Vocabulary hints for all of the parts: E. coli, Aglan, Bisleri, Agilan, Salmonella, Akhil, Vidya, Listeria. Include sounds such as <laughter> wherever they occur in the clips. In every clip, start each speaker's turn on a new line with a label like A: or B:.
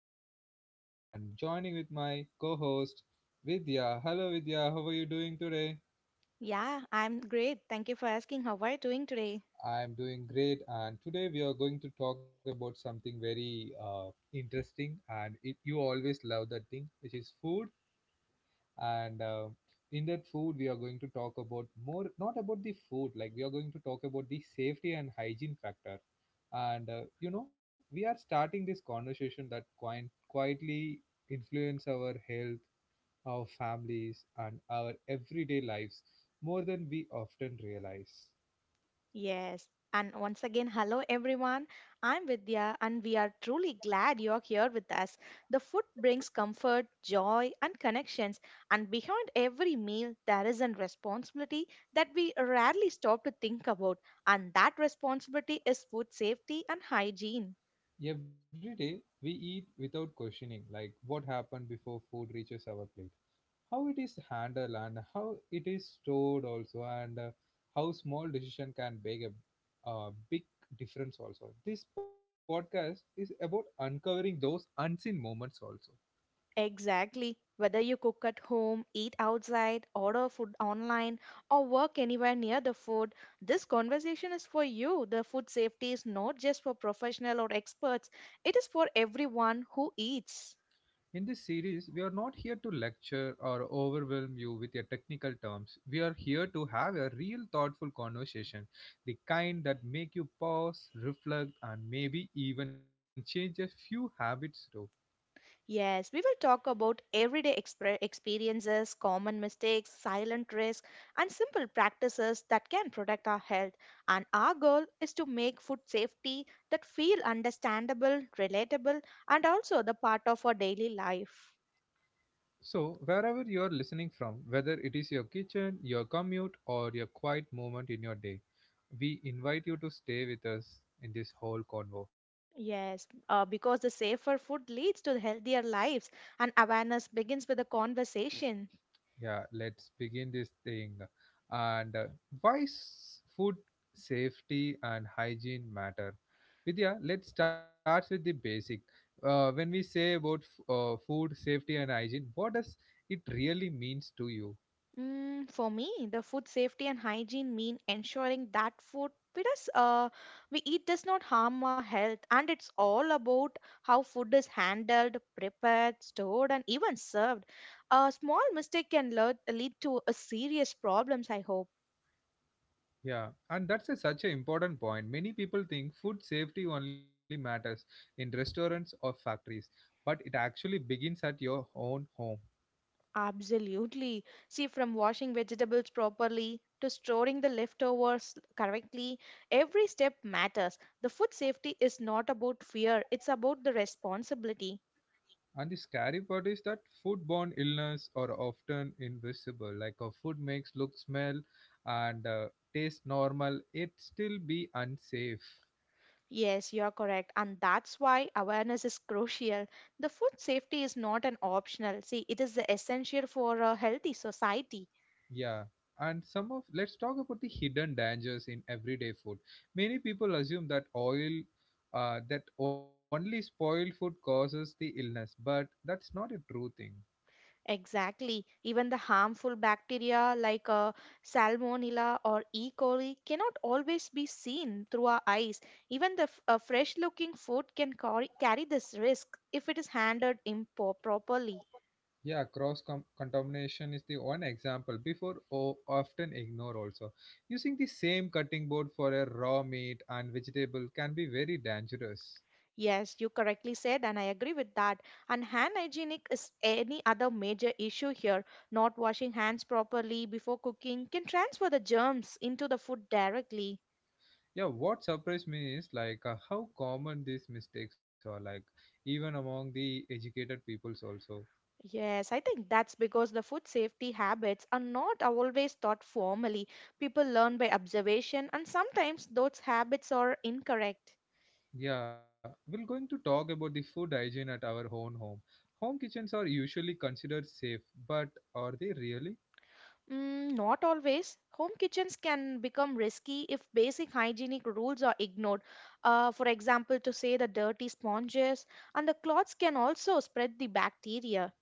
A: your Aglan and joining with my co-host Vidya. Hello Vidya, how are you doing today?
B: Yeah, I'm great. Thank you for asking. How are you doing today?
A: I am doing great and today we are going to talk about something very interesting and it, you always love that thing which is food and in that food we are going to talk about more not about the food like we are going to talk about the safety and hygiene factor and you know we are starting this conversation that quite quietly influence our health, our families and our everyday lives more than we often realize.
B: Yes. And once again, hello everyone. I'm Vidya, and we are truly glad you're here with us. The food brings comfort, joy, and connections. And behind every meal, there is a responsibility that we rarely stop to think about. And that responsibility is food safety and hygiene.
A: Every day we eat without questioning like what happened before food reaches our plate, how it is handled and how it is stored also, and how small decision can make a big difference. Also this podcast is about uncovering those unseen moments also.
B: Exactly. Whether you cook at home, eat outside, order food online, or work anywhere near the food, this conversation is for you. The food safety is not just for professional or experts, it is for everyone who eats.
A: In this series we are not here to lecture or overwhelm you with your technical terms, we are here to have a real thoughtful conversation, the kind that make you pause, reflect and maybe even change a few habits too.
B: Yes, we will talk about everyday experiences, common mistakes, silent risk, and simple practices that can protect our health. And our goal is to make food safety that feel understandable, relatable, and also the part of our daily life.
A: So, wherever you are listening from, whether it is your kitchen, your commute, or your quiet moment in your day, we invite you to stay with us in this whole convo.
B: Yes, because the safer food leads to the healthier lives, and awareness begins with a conversation.
A: Yeah, let's begin this thing. And food safety and hygiene matter? Vidya, let's start with the basic. When we say about food safety and hygiene, what does it really means to you?
B: Mm, for me, the food safety and hygiene mean ensuring that food we does we eat does not harm our health, and it's all about how food is handled, prepared, stored, and even served. A small mistake can lead to a serious problems. I hope
A: Yeah, and that's a, such an important point. Many people think food safety only matters in restaurants or factories, but it actually begins at your own home.
B: absolutely. See, from washing vegetables properly to storing the leftovers correctly, every step matters. The food safety is not about fear; it's about the responsibility.
A: And the scary part is that foodborne illness are often invisible. Like a food makes look, smell, and taste normal, it still be unsafe.
B: Yes, you are correct. And that's why awareness is crucial. The food safety is not an optional. See, it is the essential for a healthy society.
A: Yeah, and some of let's talk about the hidden dangers in everyday food. Many people assume that oil, that only spoiled food causes the illness, but that's not a true thing.
B: Exactly. Even the harmful bacteria like Salmonella or E. coli cannot always be seen through our eyes. Even the fresh looking food can carry this risk if it is handled improperly.
A: Yeah, contamination is the one example before often ignore also. Using the same cutting board for a raw meat and vegetable can be very dangerous.
B: Yes, you correctly said, and I agree with that. And hand hygienic is any other major issue here. Not washing hands properly before cooking can transfer the germs into the food directly.
A: Yeah, what surprised me is like how common these mistakes are, like even among the educated peoples also.
B: Yes, I think that's because the food safety habits are not always taught formally. People learn by observation, and sometimes those habits are incorrect.
A: Yeah, we're going to talk about the food hygiene at our own home. Home kitchens are usually considered safe, but are they really?
B: Mm, not always. Home kitchens can become risky if basic hygienic rules are ignored. For example, to say the dirty sponges and the cloths can also spread the bacteria.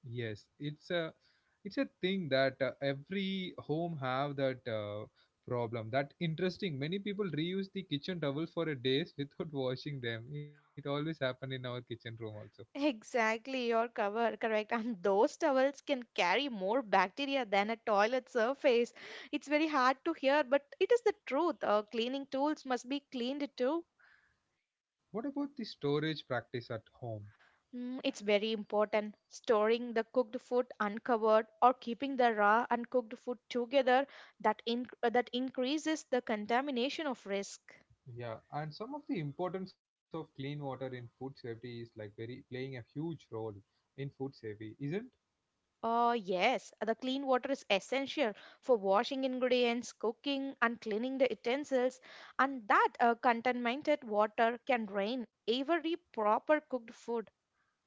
A: Yes, it's a, it's a thing that every home have that problem. That interesting. Many people reuse the kitchen towel for a days without <laughs> washing them. It always happen in our kitchen room also.
B: Exactly, your cover, correct. And those towels can carry more bacteria than a toilet surface. It's very hard to hear, but it is the truth. Cleaning tools must be cleaned too.
A: What about the storage practice at home?
B: Mm, it's very important. Storing the cooked food uncovered or keeping the raw and cooked food together that increases the contamination of risk.
A: Yeah, and some of the importance of clean water in food safety is like very playing a huge role in food safety, isn't?
B: Oh yes, the clean water is essential for washing ingredients, cooking and cleaning the utensils, and that contaminated water can drain every proper cooked food.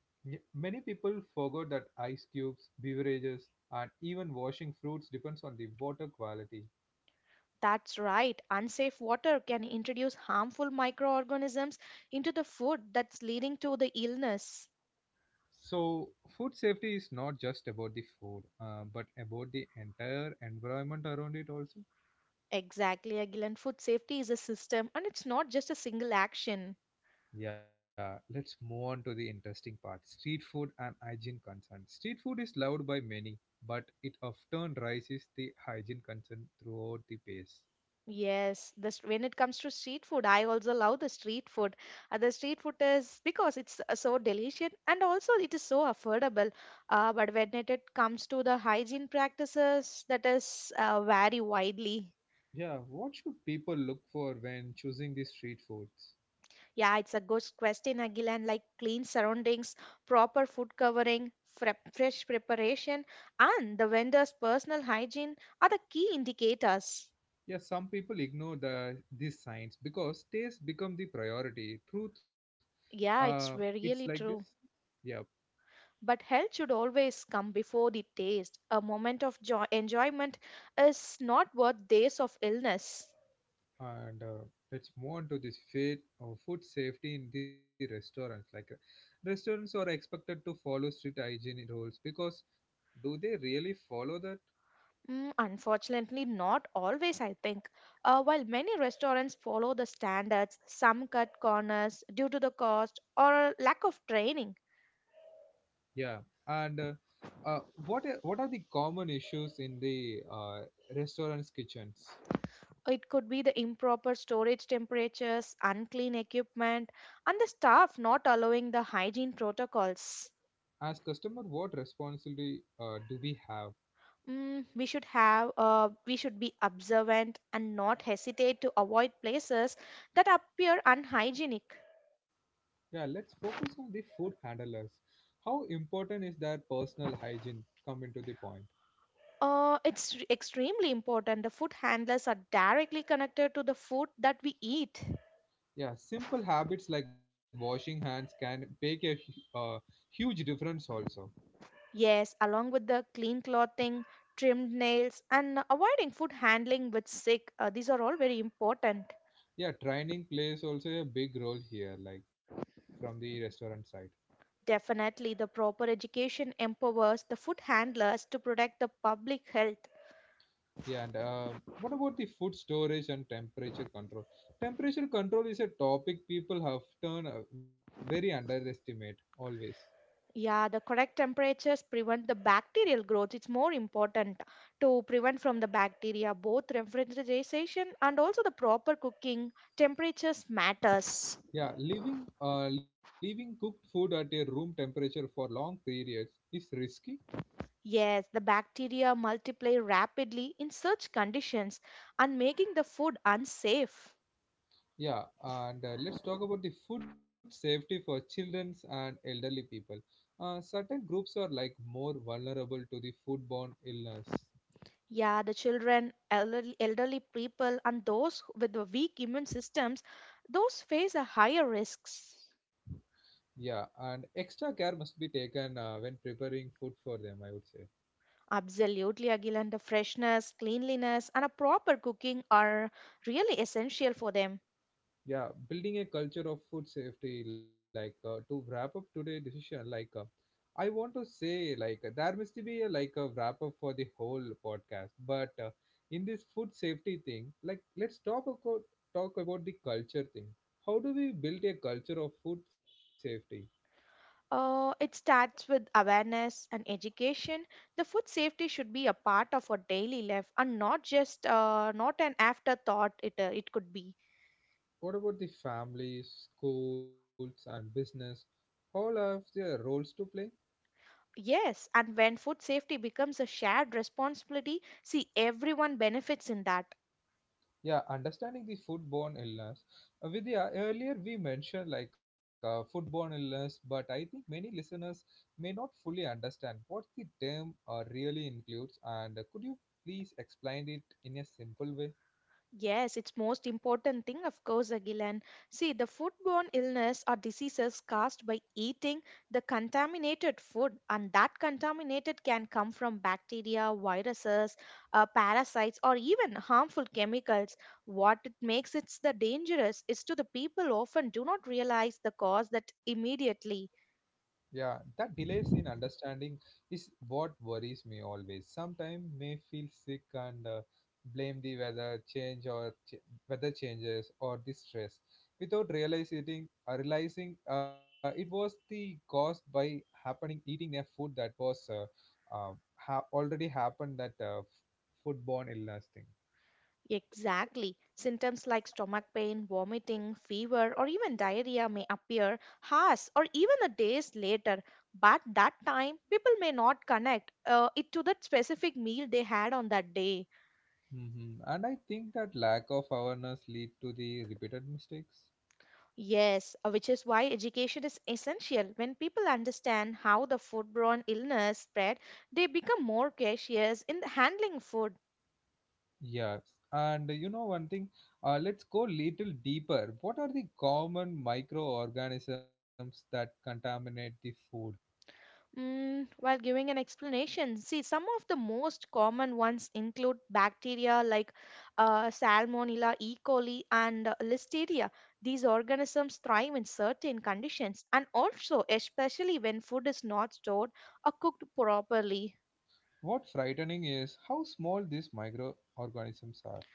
A: Y- Many people forgot that ice cubes, beverages, and even washing fruits depends on the water quality.
B: That's right. Unsafe water can introduce harmful microorganisms into the food that's leading to the illness.
A: So, food safety is not just about the food, but about the entire environment around it also.
B: Exactly, Agilan. Food safety is a system and it's not just a single action.
A: Yeah, let's move on to the interesting part, street food and hygiene concerns. Street food is loved by many, but it often raises the hygiene concern throughout the pace.
B: Yes, this when it comes to street food, I also love the street food. The street food is because it's so delicious and also it is so affordable. But when it comes to the hygiene practices, that is vary widely.
A: Yeah, what should people look for when choosing the street foods?
B: Yeah, it's a good question, Agilan. Like clean surroundings, proper food covering, fresh preparation, and the vendor's personal hygiene are the key indicators.
A: Yeah, some people ignore the these signs because taste become the priority. Truth, uh,
B: Yeah, it's
A: it's like
B: really
A: this.
B: true.
A: Yeah,
B: But health should always come before the taste. A moment of joy enjoyment is not worth days of illness.
A: and let's move on to this food safety in the restaurants, like restaurants are expected to follow strict hygiene rules, because do they really follow that?
B: Mm, unfortunately, not always, I think. While many restaurants follow the standards, some cut corners due to the cost or lack of training.
A: Yeah, and uh, what are the common issues in the restaurants kitchens?
B: It could be the improper storage temperatures, unclean equipment, and the staff not allowing the hygiene protocols.
A: As customer what responsibility do we have?
B: Mm, we should be observant and not hesitate to avoid places that appear unhygienic.
A: Yeah, let's focus on the food handlers, how important is their personal hygiene come into the point.
B: It's extremely important. The food handlers are directly connected to the food that we eat.
A: Yeah, simple habits like washing hands can make a huge difference also.
B: Yes, along with the clean clothing, trimmed nails, and avoiding food handling with sick. These are all very important.
A: Yeah, training plays also a big role here, like from the restaurant side.
B: Definitely, the proper education empowers the food handlers to protect the public health.
A: Yeah, and what about the food storage and temperature control? Temperature control is a topic people have turned very underestimate always.
B: Yeah, the correct temperatures prevent the bacterial growth. It's more important to prevent from the bacteria both refrigeration and also the proper cooking. Temperatures matters.
A: Yeah, leaving cooked food at a room temperature for long periods is risky.
B: Yes, the bacteria multiply rapidly in such conditions and making the food unsafe.
A: Yeah, and let's talk about the food safety for childrens and elderly people. Certain groups are like more vulnerable to the foodborne illness.
B: Yeah, the children, elderly people and those with the weak immune systems, those face a higher risks.
A: Yeah, and extra care must be taken when preparing food for them, I would say.
B: Absolutely, Agil, and the freshness, cleanliness, and a proper cooking are really essential for them.
A: Yeah, building a culture of food safety, like to wrap up today' decision, like I want to say like there must be a, like a wrap up for the whole podcast, but in this food safety thing, like let's talk about the culture thing. How do we build a culture of food safety?
B: It starts with awareness and education. The food safety should be a part of our daily life and not just not an afterthought. It could be
A: What about the families, schools, and business? All have their roles to play.
B: yes. And when food safety becomes a shared responsibility, see everyone benefits in that.
A: Yeah, understanding the foodborne illness. Vidya, earlier we mentioned like foodborne illness, but I think many listeners may not fully understand what the term really includes. And could you please explain it in a simple way?
B: Yes, it's most important thing, of course, Agilan. See, the foodborne illness or diseases caused by eating the contaminated food, and that contaminated can come from bacteria, viruses, parasites, or even harmful chemicals. What it makes it the dangerous is to the people often do not realize the cause that immediately.
A: Yeah, that delays in understanding is what worries me always. Sometimes may feel sick and blame the weather change or weather changes or the stress without realizing it was the cause by happening eating a food that was uh, already happened that foodborne illness thing.
B: Exactly. Symptoms like stomach pain, vomiting, fever, or even diarrhea may appear hours or even a days later. But that time, people may not connect it to that specific meal they had on that day.
A: Hmm. And I think that lack of awareness lead to the repeated mistakes.
B: Yes, which is why education is essential. When people understand how the foodborne illness spread, they become more cautious in handling food.
A: Yes, and you know one thing, let's go little deeper. What are the common microorganisms that contaminate the food?
B: Mm, while giving an explanation, see some of the most common ones include bacteria like Salmonella, E. coli, and Listeria. These organisms thrive in certain conditions and also, especially when food is not stored or cooked properly.
A: What frightening is how small these microorganisms are.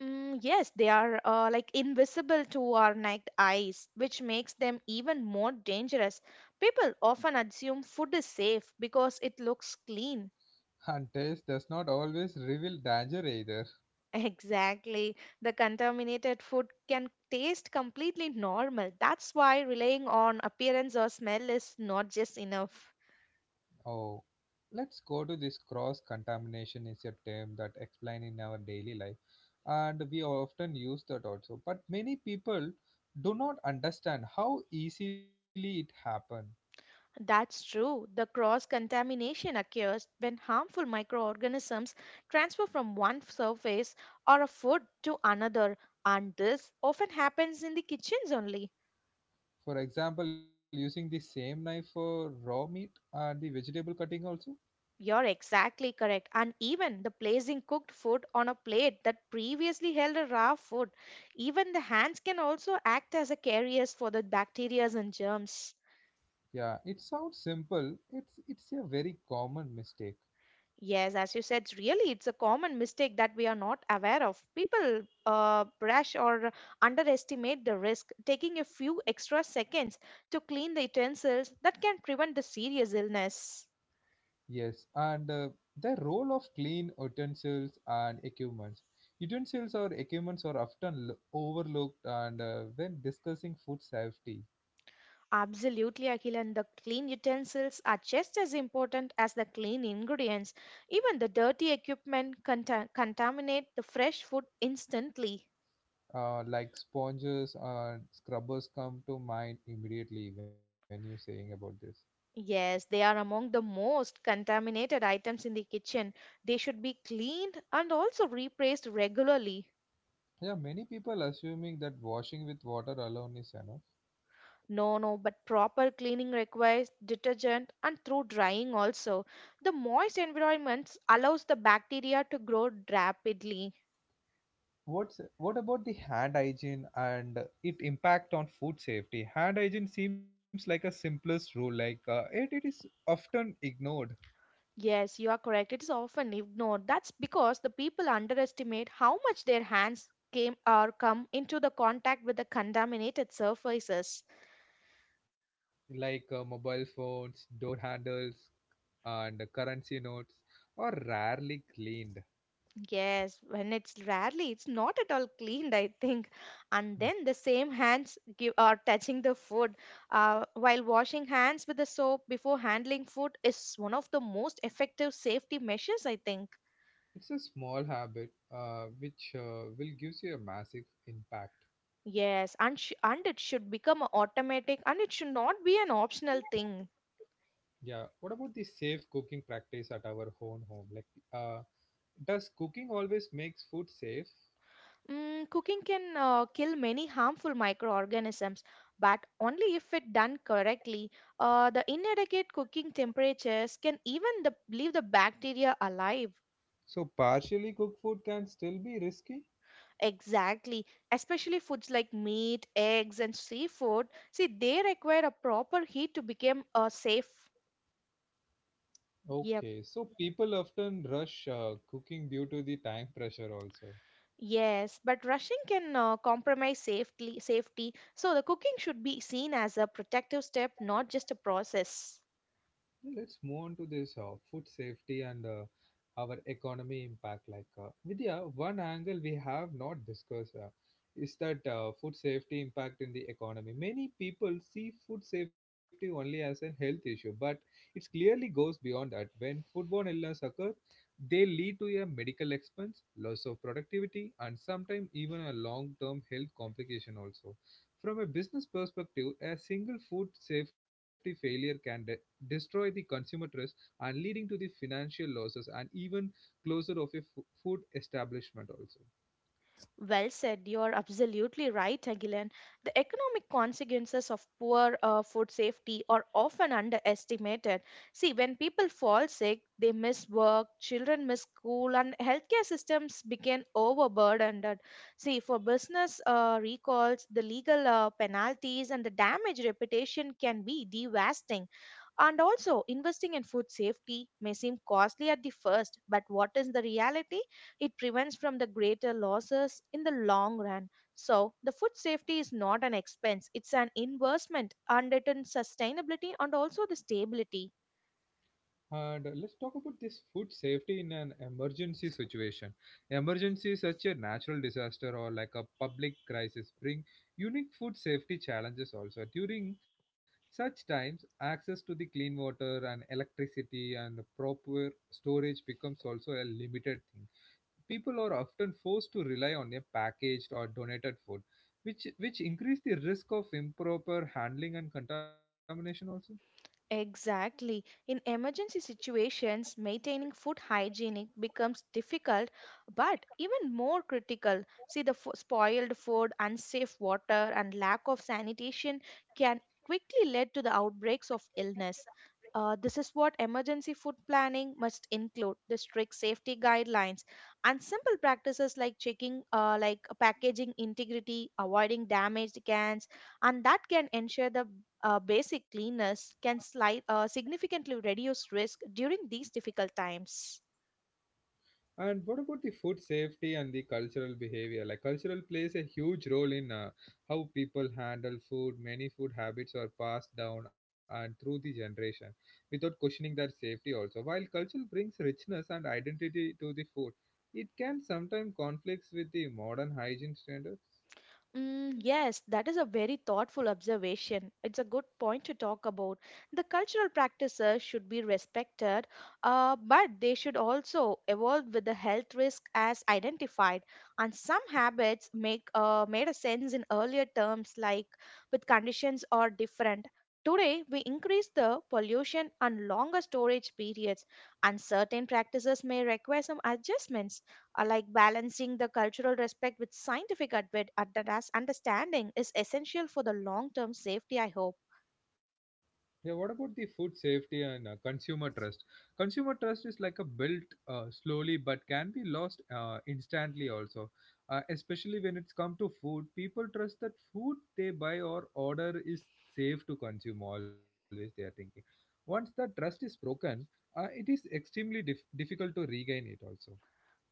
B: Mm, yes, they are like invisible to our naked eyes, which makes them even more dangerous. People often assume food is safe because it looks clean.
A: And taste does not always reveal danger either.
B: Exactly. The contaminated food can taste completely normal. That's why relying on appearance or smell is not just enough.
A: Oh, let's go to this cross contamination is a term that explain in our daily life and we often use that also. But many people do not understand how easily it happens.
B: That's true. The cross contamination occurs when harmful microorganisms transfer from one surface or a food to another, and this often happens in the kitchens only.
A: For example, using the same knife for raw meat and the vegetable cutting also.
B: You're exactly correct. And even the placing cooked food on a plate that previously held a raw food, even the hands can also act as a carriers for the bacteria and germs.
A: Yeah, it sounds simple. It's a very common mistake.
B: Yes, as you said, really, it's a common mistake that we are not aware of. People brush or underestimate the risk, taking a few extra seconds to clean the utensils that can prevent the serious illness.
A: Yes, and the role of clean utensils and equipments. Utensils or equipments are often overlooked and when discussing food safety.
B: Absolutely, Akhil, and the clean utensils are just as important as the clean ingredients. Even the dirty equipment contaminate the fresh food instantly.
A: Like sponges and scrubbers come to mind immediately when you're saying about this.
B: Yes, they are among the most contaminated items in the kitchen. They should be cleaned and also replaced regularly.
A: Yeah, many people assuming that washing with water alone is enough.
B: No, no, but proper cleaning requires detergent and through drying also. The moist environments allows the bacteria to grow rapidly.
A: What's what about the hand hygiene and it impact on food safety? Hand hygiene seems like a simplest rule, like it is often ignored,
B: Yes, you are correct. It is often ignored. That's because the people underestimate how much their hands came or come into the contact with the contaminated surfaces.
A: like mobile phones, door handles, and currency notes are rarely cleaned.
B: Yes, when it's rarely, it's not at all cleaned, I think. And then
A: Hmm.
B: the same hands give are touching the food. While washing hands with the soap before handling food is one of the most effective safety measures, I think.
A: It's a small habit which will gives you a massive impact.
B: Yes, and it should become a automatic, and it should not be an optional thing.
A: Yeah. What about the safe cooking practice at our own home? Like, uh, does cooking always makes food safe?
B: Mm, cooking can kill many harmful microorganisms, but only if it done correctly. The inadequate cooking temperatures can leave the bacteria alive.
A: So partially cooked food can still be risky?
B: Exactly, especially foods like meat, eggs, and seafood. See, they require a proper heat to become safe. Yep.
A: Okay, so people often rush cooking due to the time pressure also.
B: Yes, but rushing can compromise safety. Safety. So the cooking should be seen as a protective step, not just a process.
A: Yeah, let's move on to this food safety and our economy impact. Like Vidya, one angle we have not discussed is that food safety impact in the economy. Many people see food safety only as a health issue, but it clearly goes beyond that. When foodborne illness occur, they lead to a medical expense, loss of productivity, and sometimes even a long-term health complication also. From a business perspective, a single food safety failure can destroy the consumer trust and leading to the financial losses and even closure of a food establishment also.
B: Well said. You're absolutely right, Agilan. The economic consequences of poor food safety are often underestimated. See, when people fall sick, they miss work, children miss school, and healthcare systems become overburdened. See, for business recalls, the legal penalties and the damage reputation can be devastating. And also, investing in food safety may seem costly at the first, but what is the reality? It prevents from the greater losses in the long run. So, the food safety is not an expense, it's an investment and it in sustainability and also the stability.
A: And let's talk about this food safety in an emergency situation. Emergency such a natural disaster or like a public crisis bring unique food safety challenges also. During such times, access to the clean water and electricity and proper storage becomes also a limited thing. People are often forced to rely on a packaged or donated food, which increase the risk of improper handling and contamination also.
B: Exactly. In emergency situations, maintaining food hygiene becomes difficult, but even more critical. See, the spoiled food, unsafe water, and lack of sanitation can quickly lead to the outbreaks of illness. This is what emergency food planning must include the strict safety guidelines and simple practices like checking packaging integrity avoiding damaged cans, and that can ensure the basic cleanness can significantly reduce risk during these difficult times.
A: And what about the food safety and the cultural behavior? Like cultural plays a huge role in how people handle food. Many food habits are passed down and through the generation without questioning their safety also. While culture brings richness and identity to the food, it can sometimes conflicts with the modern hygiene standards.
B: Mm, yes, that is a very thoughtful observation. It's a good point to talk about. The cultural practices should be respected, but they should also evolve with the health risk as identified. And some habits make made a sense in earlier terms, like with conditions are different. Today, we increase the pollution and longer storage periods, and certain practices may require some adjustments. Like balancing the cultural respect with scientific advanced understanding is essential for the long term safety, I hope.
A: Yeah, what about the food safety and consumer trust? Consumer trust is like a built slowly but can be lost instantly also. Especially when it's come to food, people trust that food they buy or order is safe to consume always they are thinking. Once that trust is broken, it is extremely difficult to regain it also.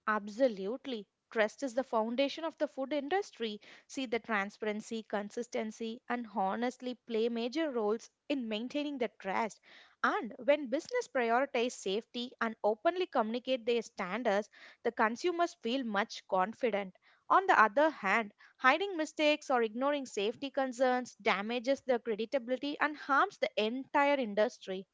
B: Absolutely. Trust is the foundation of the food industry. See, the transparency, consistency, and honestly play major roles in maintaining the trust. And when business prioritize safety and openly communicate their standards, the consumers feel much confident. On the other hand, hiding mistakes or ignoring safety concerns damages the credibility and harms the entire industry.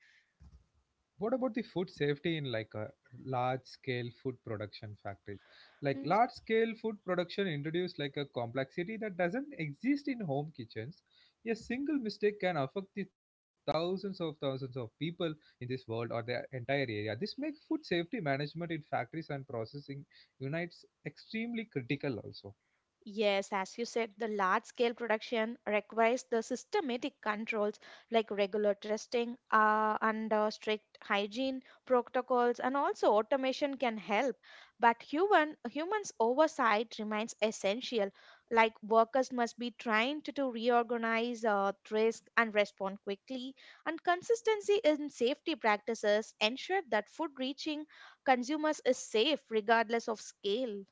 A: What about the food safety in like a large scale food production factories? Like
B: Mm,
A: large scale food production introduced like a complexity that doesn't exist in home kitchens. A single mistake can affect the thousands of people in this world or their entire area. This makes food safety management in factories and processing units extremely critical also.
B: yes, as you said, the large scale production requires the systematic controls like regular testing and strict hygiene protocols, and also automation can help. But humans oversight remains essential. Like workers must be trained to reorganize risk and respond quickly. And consistency in safety practices ensure that food reaching consumers is safe regardless of scale.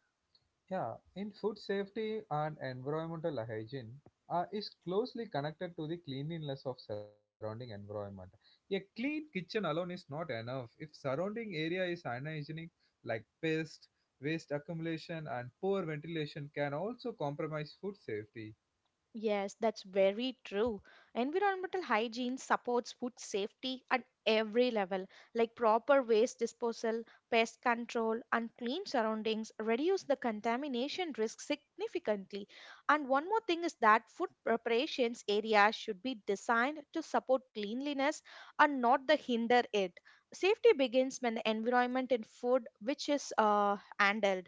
A: Yeah, in food safety and environmental hygiene is closely connected to the cleanliness of surrounding environment. A clean kitchen alone is not enough. If surrounding area is unhygienic, like pest, waste accumulation, and poor ventilation, can also compromise food safety.
B: Yes, that's very true. Environmental hygiene supports food safety at every level, like proper waste disposal, pest control, and clean surroundings reduce the contamination risk significantly. And one more thing is that food preparations areas should be designed to support cleanliness and not the hinder it. Safety begins when the environment and food which is handled.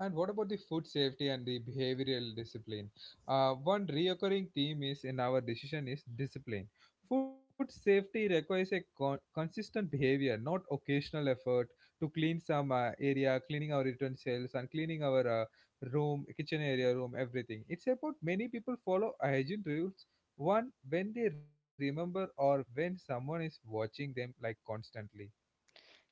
A: And what about the food safety and the behavioral discipline? One reoccurring theme is in our decision is discipline. Food safety requires a consistent behavior, not occasional effort to clean some area, cleaning our utensils, and cleaning our room, kitchen area, room, everything. It's about many people follow hygiene rules. One when they remember or when someone is watching them like constantly.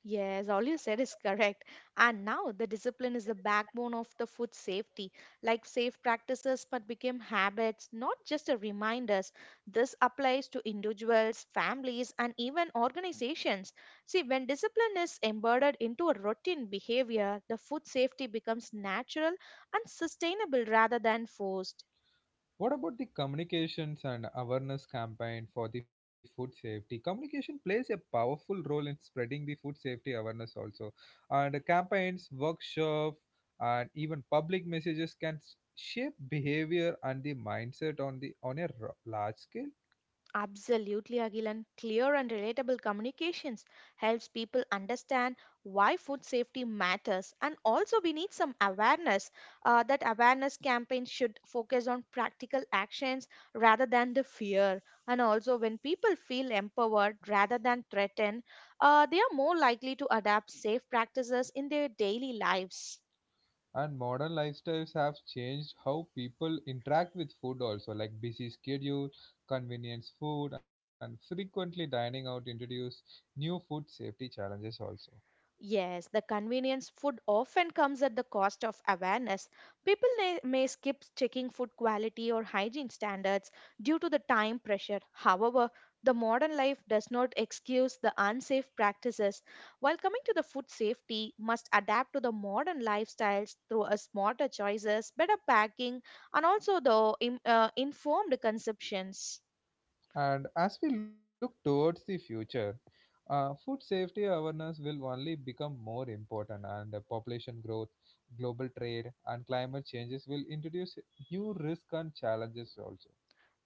B: Yes, all you said is correct. And now the discipline is the backbone of the food safety. Like safe practices, but became habits, not just a reminders. This applies to individuals, families, and even organizations. See, when discipline is embedded into a routine behavior, the food safety becomes natural and sustainable rather than forced.
A: What about the communications and awareness campaign for the food safety? Communication plays a powerful role in spreading the food safety awareness also. And campaigns, workshops, and even public messages can shape behavior and the mindset on the on a large scale.
B: Absolutely, Agilan. Clear and relatable communications helps people understand why food safety matters. And also, we need some awareness. That awareness campaign should focus on practical actions rather than the fear. And also, when people feel empowered rather than threatened, they are more likely to adapt safe practices in their daily lives.
A: And modern lifestyles have changed how people interact with food also, like busy schedule, convenience food, and frequently dining out introduce new food safety challenges also.
B: Yes, the convenience food often comes at the cost of awareness. People may skip checking food quality or hygiene standards due to the time pressure. However, the modern life does not excuse the unsafe practices. While coming to the food safety, must adapt to the modern lifestyles through a smarter choices, better packing, and also the informed consumptions.
A: And as we look towards the future, food safety awareness will only become more important, and population growth, global trade, and climate changes will introduce new risks and challenges also.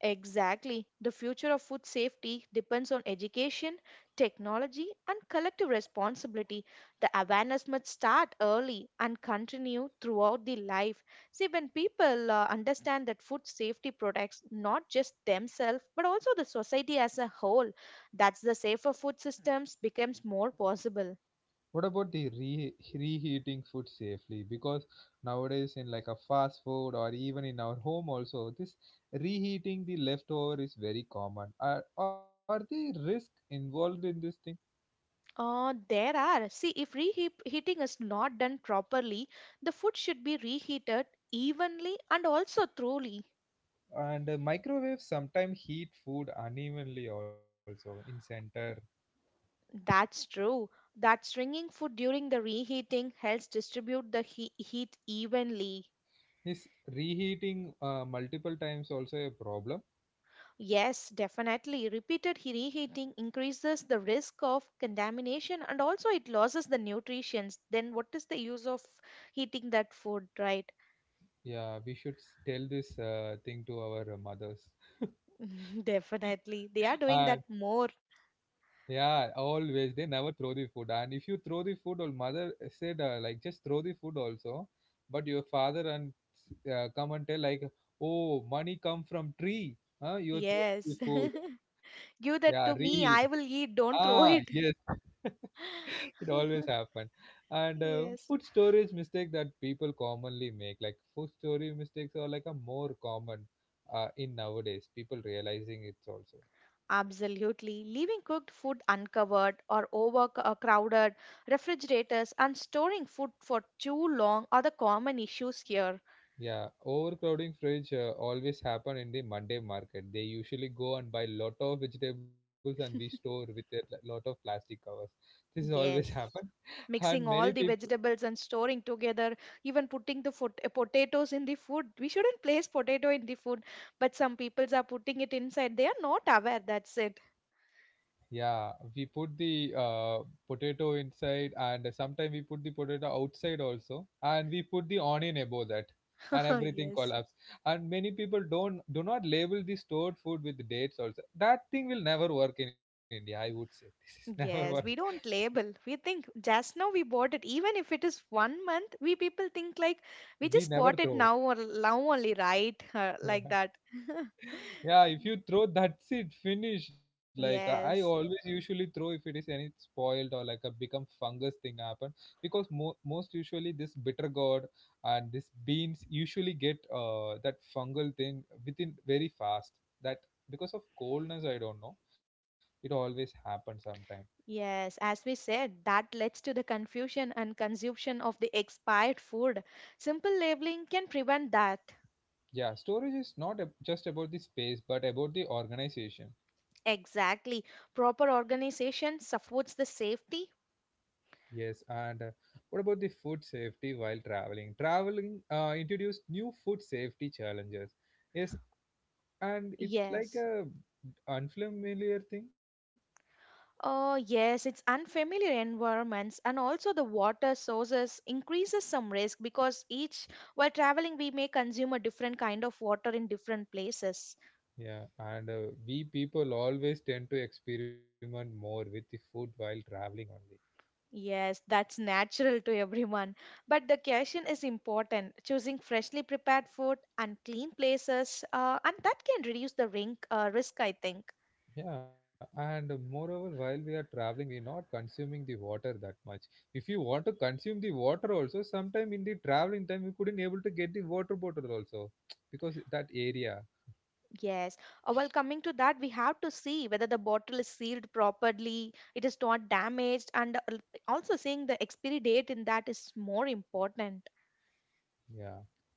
B: Exactly. The future of food safety depends on education, technology, and collective responsibility. The awareness must start early and continue throughout the life. See, when people understand that food safety protects not just themselves but also the society as a whole, that's the safer food systems becomes more possible.
A: What about the reheating food safely? Because nowadays, in like a fast food or even in our home, also this reheating the leftover is very common. Are the risk involved in this thing?
B: There are. See, if reheating is not done properly, the food should be reheated evenly and also thoroughly.
A: And microwave sometimes heat food unevenly also in center.
B: That's true. That stringing food during the reheating helps distribute the heat evenly.
A: Is reheating multiple times also a problem?
B: Yes, definitely. Repeated reheating increases the risk of contamination and also it loses the nutrients. Then what is the use of heating that food, right?
A: Yeah, we should tell this thing to our mothers.
B: <laughs>
A: <laughs>
B: Definitely. They are doing
A: uh,
B: that more.
A: yeah, always they never throw the food, and if you throw the food, or mother said like just throw the food also, but your father and come and tell like, oh, money come from tree, huh? You throw
B: Yes.
A: the food.
B: <laughs>
A: Yeah,
B: Give that to
A: reheat.
B: me. I will eat.
A: Ah,
B: Don't throw
A: yes.
B: it.
A: <laughs> <laughs> It always
B: <laughs>
A: happen. And
B: Yes.
A: food storage mistake that people commonly make, like food storage mistakes are like a more common in nowadays, people realizing it's also.
B: Absolutely. Leaving cooked food uncovered or overcrowded refrigerators and storing food for too long are the common issues here.
A: Yeah, overcrowding fridge always happen in the monday market. They usually go and buy lot of vegetables, and we store with a lot of plastic covers. This is always happen.
B: Yes.
A: <laughs> And
B: Mixing
A: many
B: all the
A: people.
B: vegetables and storing together, even putting the potatoes in the food. We shouldn't place potato in the food, but some people are putting it inside. They are not aware. That's it.
A: Yeah, we put the potato inside, and sometimes we put the potato outside also, and we put the onion above that,
B: <laughs>
A: and everything
B: Yes.
A: collapse. And many people don't do not label the stored food with dates also. That thing will never work in India, I would say. <laughs> This is never work.
B: Yes, we don't label. We think just now we bought it. Even if it is one month, we people think like we
A: We
B: just
A: never
B: bought it
A: throw.
B: now or now only, right? <laughs> Like that. <laughs>
A: Yeah, if you throw, that's it, finish. Like I always
B: Yes,
A: usually throw if it is any spoiled or like a become fungus thing happen, because most usually this bitter gourd and this beans usually get that fungal thing within very fast, that, because of coldness, I don't know. It always happens sometime.
B: yes. As we said, that leads to the confusion and consumption of the expired food. Simple labeling can prevent that.
A: Yeah, storage is not just about the space but about the organization.
B: Exactly. Proper organization supports the safety.
A: Yes, and what about the food safety while traveling? Traveling introduced new food safety challenges. Yes, and it like
B: Yes.
A: a unfamiliar thing.
B: Oh, yes, it's unfamiliar environments and also the water sources increases some risk because each while traveling we may consume a different kind of water in different places.
A: Yeah, and we people always tend to experiment more with the food while traveling only.
B: Yes, that's <laughs> natural to everyone. But the question is important. Choosing freshly prepared food and clean places, and that can reduce the risk, I think.
A: Yeah, and moreover, while we are traveling, we're not consuming the water that much. If you want to consume the water also, sometime in the traveling time, you couldn't able to get the water bottle also <tsk> because that area.
B: Yes. While coming to that, we have to see whether the bottle is sealed properly, it is not damaged, and also seeing the expiry date in that is more important.
A: Yeah,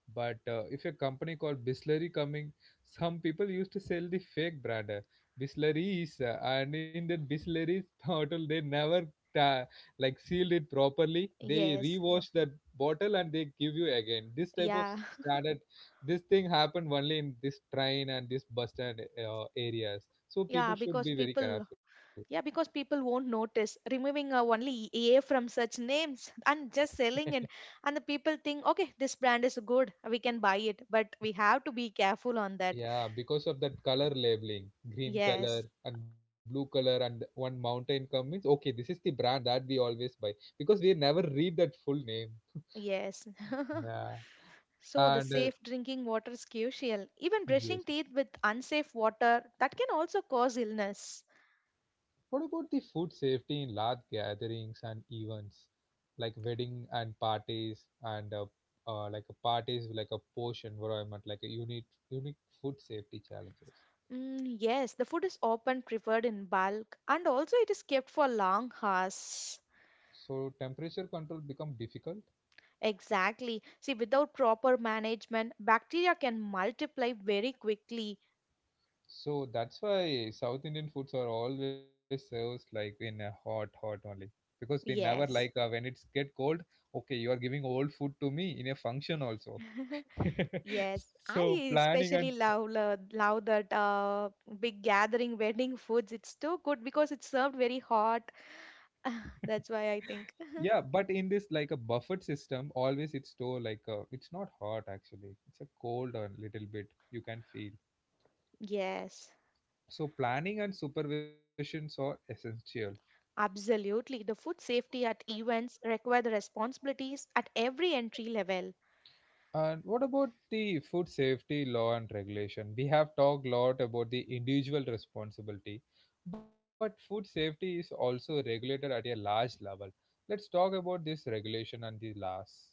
A: but if a company called Bisleri coming, some people used to sell the fake brand Bisleries, and in that Bisleries <laughs> bottle, they never ta- like sealed it properly. They
B: Yes.
A: rewash that bottle and they give you again. This type of
B: Yeah. <laughs>
A: standard, this thing happened only in this train and this bus stand areas. So people
B: Yeah,
A: should
B: because
A: be very
B: people.
A: careful.
B: Yeah, because people won't notice removing only A from such names <laughs> and just
A: <laughs>
B: selling it. And the people think, okay, this brand is good, we can buy it. But we have to be careful on that.
A: Yeah, because of that color labeling, green color
B: Yes,
A: and blue color, and one mountain come means, okay, this is the brand that we always buy, because we never read that full name.
B: yes. <laughs>
A: Yeah,
B: So the safe
A: and
B: drinking water is crucial. Even brushing teeth
A: yes,
B: with unsafe water that can also cause illness.
A: what about the food safety in large gatherings and events like wedding and parties and like a parties like a posh environment, like a unique food safety challenges.
B: Mm, yes, the food is often preferred in bulk and also it is kept for long hours.
A: So temperature control become difficult.
B: Exactly. See, without proper management, bacteria can multiply very quickly.
A: So that's why South Indian foods are always served like in a hot, hot only. Because we never like
B: Yes.
A: when it's get cold. Okay, you are giving old food to me in a function also.
B: <laughs>
A: <laughs>
B: Yes, I
A: So planning
B: especially
A: and
B: love that big gathering wedding foods. It's too good because it's served very hot.
A: <laughs>
B: <laughs> That's why I think.
A: yeah, but in this like a buffet system, always it's store like a, it's not hot actually. It's a cold a little bit, you can feel.
B: Yes,
A: So planning and supervisions are essential.
B: absolutely. The food safety at events require the responsibilities at every entry level.
A: And what about the food safety law and regulation? We have talked a lot about the individual responsibility, but food safety is also regulated at a large level. Let's talk about this regulation and the laws.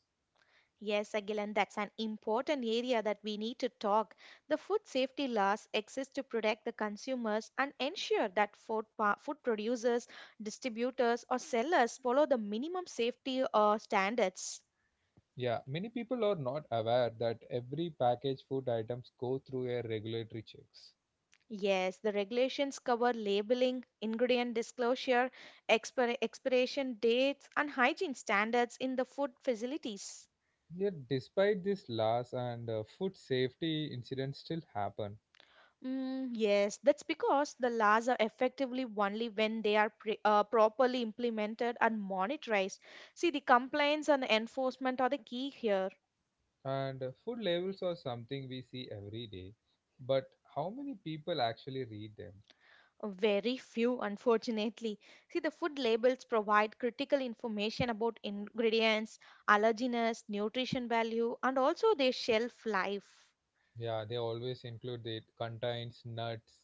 B: Yes, Agilan, that's an important area that we need to talk. The food safety laws exist to protect the consumers and ensure that food, food producers, distributors, or sellers follow the minimum safety standards.
A: Yeah, many people are not aware that every packaged food items go through a regulatory checks.
B: Yes, the regulations cover labeling, ingredient disclosure, expiration dates, and hygiene standards in the food facilities.
A: Yet, despite these laws and food safety incidents still happen,
B: Mm, yes, that's because the laws are effectively only when they are pre properly implemented and monitored. See, the compliance and the enforcement are the key here.
A: and food labels are something we see every day. But how many people actually read them?
B: Very few, unfortunately. See, the food labels provide critical information about ingredients, allergens, nutrition value, and also their shelf life.
A: Yeah, they always include it contains nuts,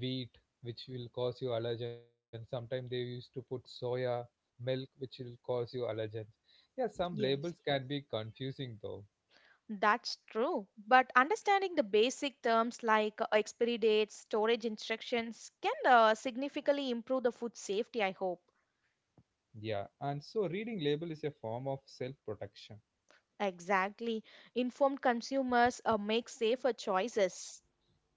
A: wheat, which will cause you allergens. Sometimes they used to put soya, milk, which will cause you allergens. Yeah, some
B: Yes.
A: labels can be confusing though.
B: That's true, but understanding the basic terms like expiry dates, storage instructions can significantly improve the food safety, I hope.
A: Yeah, and so reading label is a form of self protection.
B: Exactly. Informed consumers make safer choices.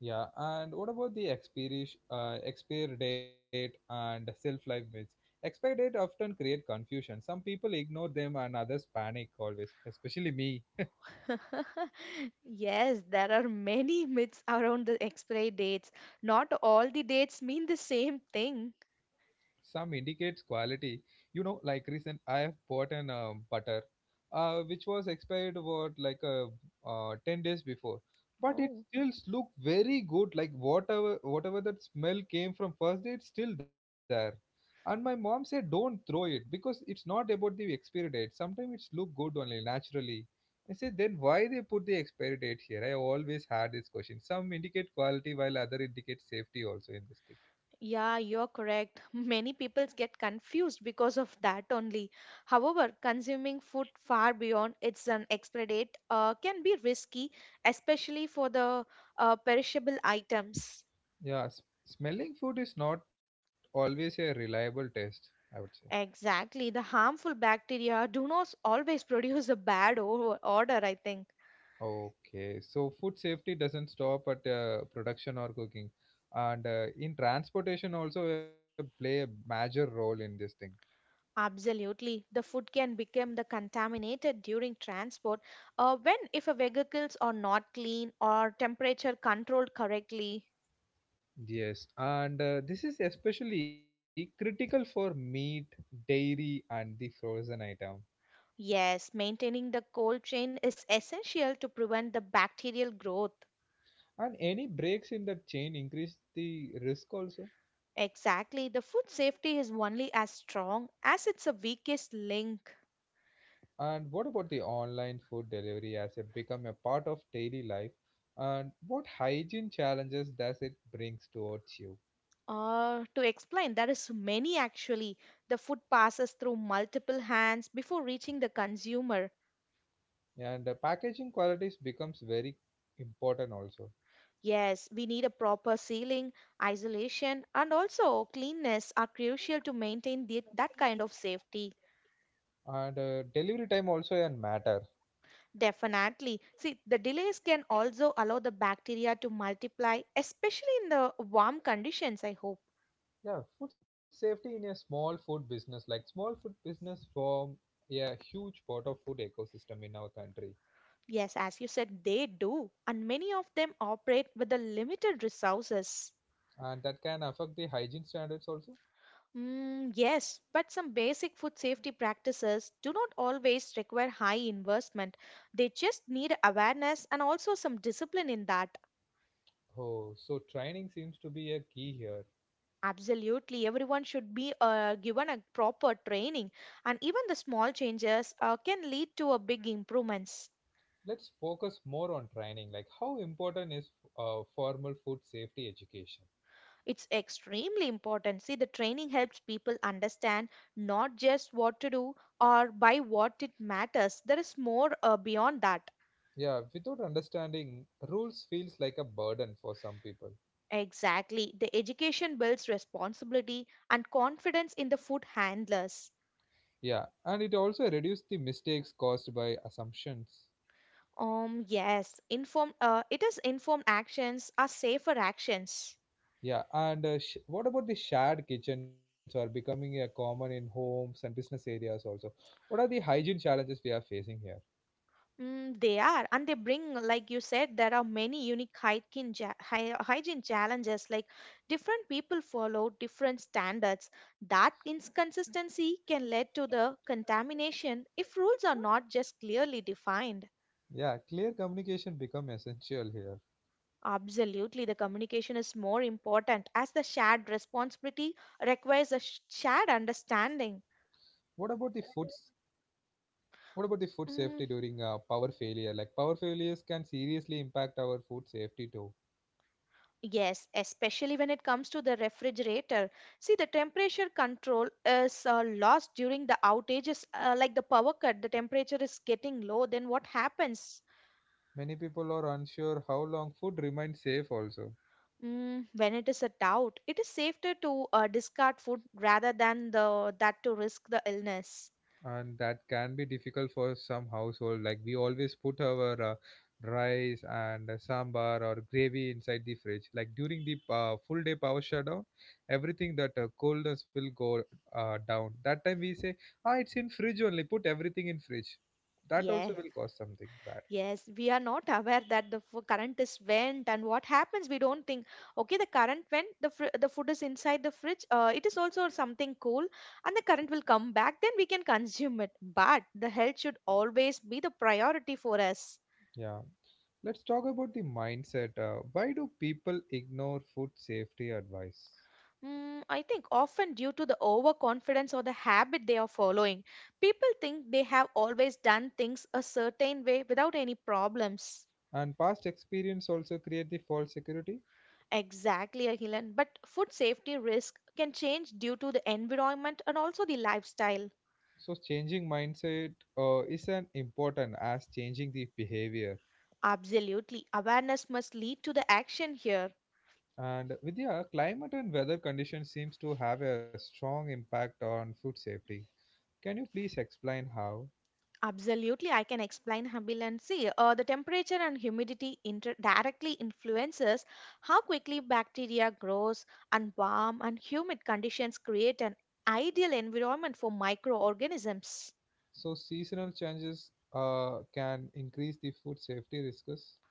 A: Yeah, and what about the expiry, expire date and self life myths? Expire date often create confusion. Some people ignore them and others panic always, especially me.
B: <laughs> Yes, there are many myths around the expiry dates. Not all the dates mean the same thing.
A: Some indicates quality, you know, like recent I have bought an butter which was expired what like 10 days before, but it
B: Oh.
A: still look very good, like whatever that smell came from first day, it's still there. And my mom said don't throw it because it's not about the expiry date, sometimes it's look good only naturally. I said then why they put the expiry date here. I always had this question. Some indicate quality while other indicate safety also in this.
B: Yeah, you're correct. <laughs> Many people get confused because of that only. However, consuming food far beyond its an expiry date can be risky, especially for the perishable items.
A: Yeah, smelling food is not always a reliable test, I would say.
B: Exactly. The harmful bacteria do not always <laughs> produce a bad o- odor, I think.
A: Okay, so food safety doesn't stop at production or cooking, and in transportation also play a major role in this thing.
B: Absolutely. The food can become the contaminated during transport when if a vehicles are not clean or temperature controlled correctly.
A: Yes, and this is especially critical for meat, dairy, and the frozen item.
B: Yes, maintaining the cold chain is essential to prevent the bacterial growth.
A: And any breaks in the chain increase the risk also.
B: Exactly, the food safety is only as strong as it's a weakest link.
A: And what about the online food delivery as it become a part of daily life? And what hygiene challenges does it brings towards you?
B: To explain, there is many actually. The food passes through multiple hands before reaching the consumer.
A: And the packaging qualities becomes very important also.
B: Yes, we need a proper sealing, isolation, and also cleanness are crucial to maintain the, that kind of safety.
A: And delivery time also a matter.
B: Definitely. See, the delays can also allow the bacteria to multiply, especially in the warm conditions, I hope.
A: Yeah, food safety in a small food business, like small food business form a huge part of food ecosystem in our country,
B: Yes, as you said, they do. And many of them operate with the limited resources.
A: and that can affect the hygiene standards also.
B: Mm, yes, but some basic food safety practices do not always require high investment. They just need awareness and also some discipline in that.
A: Oh, so training seems to be a key here.
B: Absolutely, everyone should be given a proper training, and even the small changes can lead to a big improvements.
A: Let's focus more on training, like how important is formal food safety education.
B: It's extremely important. See, the training helps people understand not just what to do or by what it matters. There is more beyond that.
A: Yeah, without understanding rules feels like a burden for some people.
B: Exactly, the education builds responsibility and confidence in the food handlers.
A: Yeah, and it also reduces the mistakes caused by assumptions.
B: Yes, inform. It is informed actions are safer actions.
A: Yeah, and what about the shared kitchens are becoming a common in homes and business areas also, what are the hygiene challenges we are facing here?
B: Mm, they are, and they bring, like you said, there are many unique hygiene challenges. Like different people follow different standards. That inconsistency can lead to the contamination if rules are not just clearly defined.
A: Yeah, clear communication become essential here.
B: Absolutely, the communication is more important as the shared responsibility requires a shared
A: what about the food
B: understanding.
A: What about the food safety
B: Mm,
A: during power failure? Like power failures can seriously impact our food safety too.
B: yes, especially when it comes to the refrigerator. See, the temperature control is lost during the outages, like the power cut, the temperature is getting low. Then what happens?
A: Many people are unsure how long food remains safe also,
B: Mm, when it is a doubt, it is safer to discard food rather than the that to risk the illness.
A: and that can be difficult for some household. Like we always put our rice and sambar or gravy inside the fridge. Like during the full day power shutdown, everything that coldness will go down. That time we say, ah, it's in fridge only. Put everything in fridge. That
B: Yes.
A: also, yeah, will cause something bad.
B: Yes, we are not aware that the current is went and what happens. We don't think, okay, the current went, the the food is inside the fridge. It is also something cool, and the current will come back. Then we can <laughs> consume it. But the health should always be the priority for us.
A: Yeah. Let's talk about the mindset. Why do people ignore food safety advice?
B: Mm, I think often due to the overconfidence or the habit they are following, people think they have always done things a certain way without any problems.
A: And past experience also create the false security.
B: Exactly, Akhilan. But food safety risk can change due to the environment and also the lifestyle.
A: So changing mindset is an important as changing the behavior.
B: Absolutely. Awareness must lead to the action here.
A: And Vidya, climate and weather conditions seems to have a strong impact on food safety. Can you please explain how?
B: Absolutely, I can explain Habilan. See, the temperature and humidity directly influences how quickly bacteria grows, and warm and humid conditions create an ideal environment for microorganisms.
A: So seasonal changes can increase the food safety risks.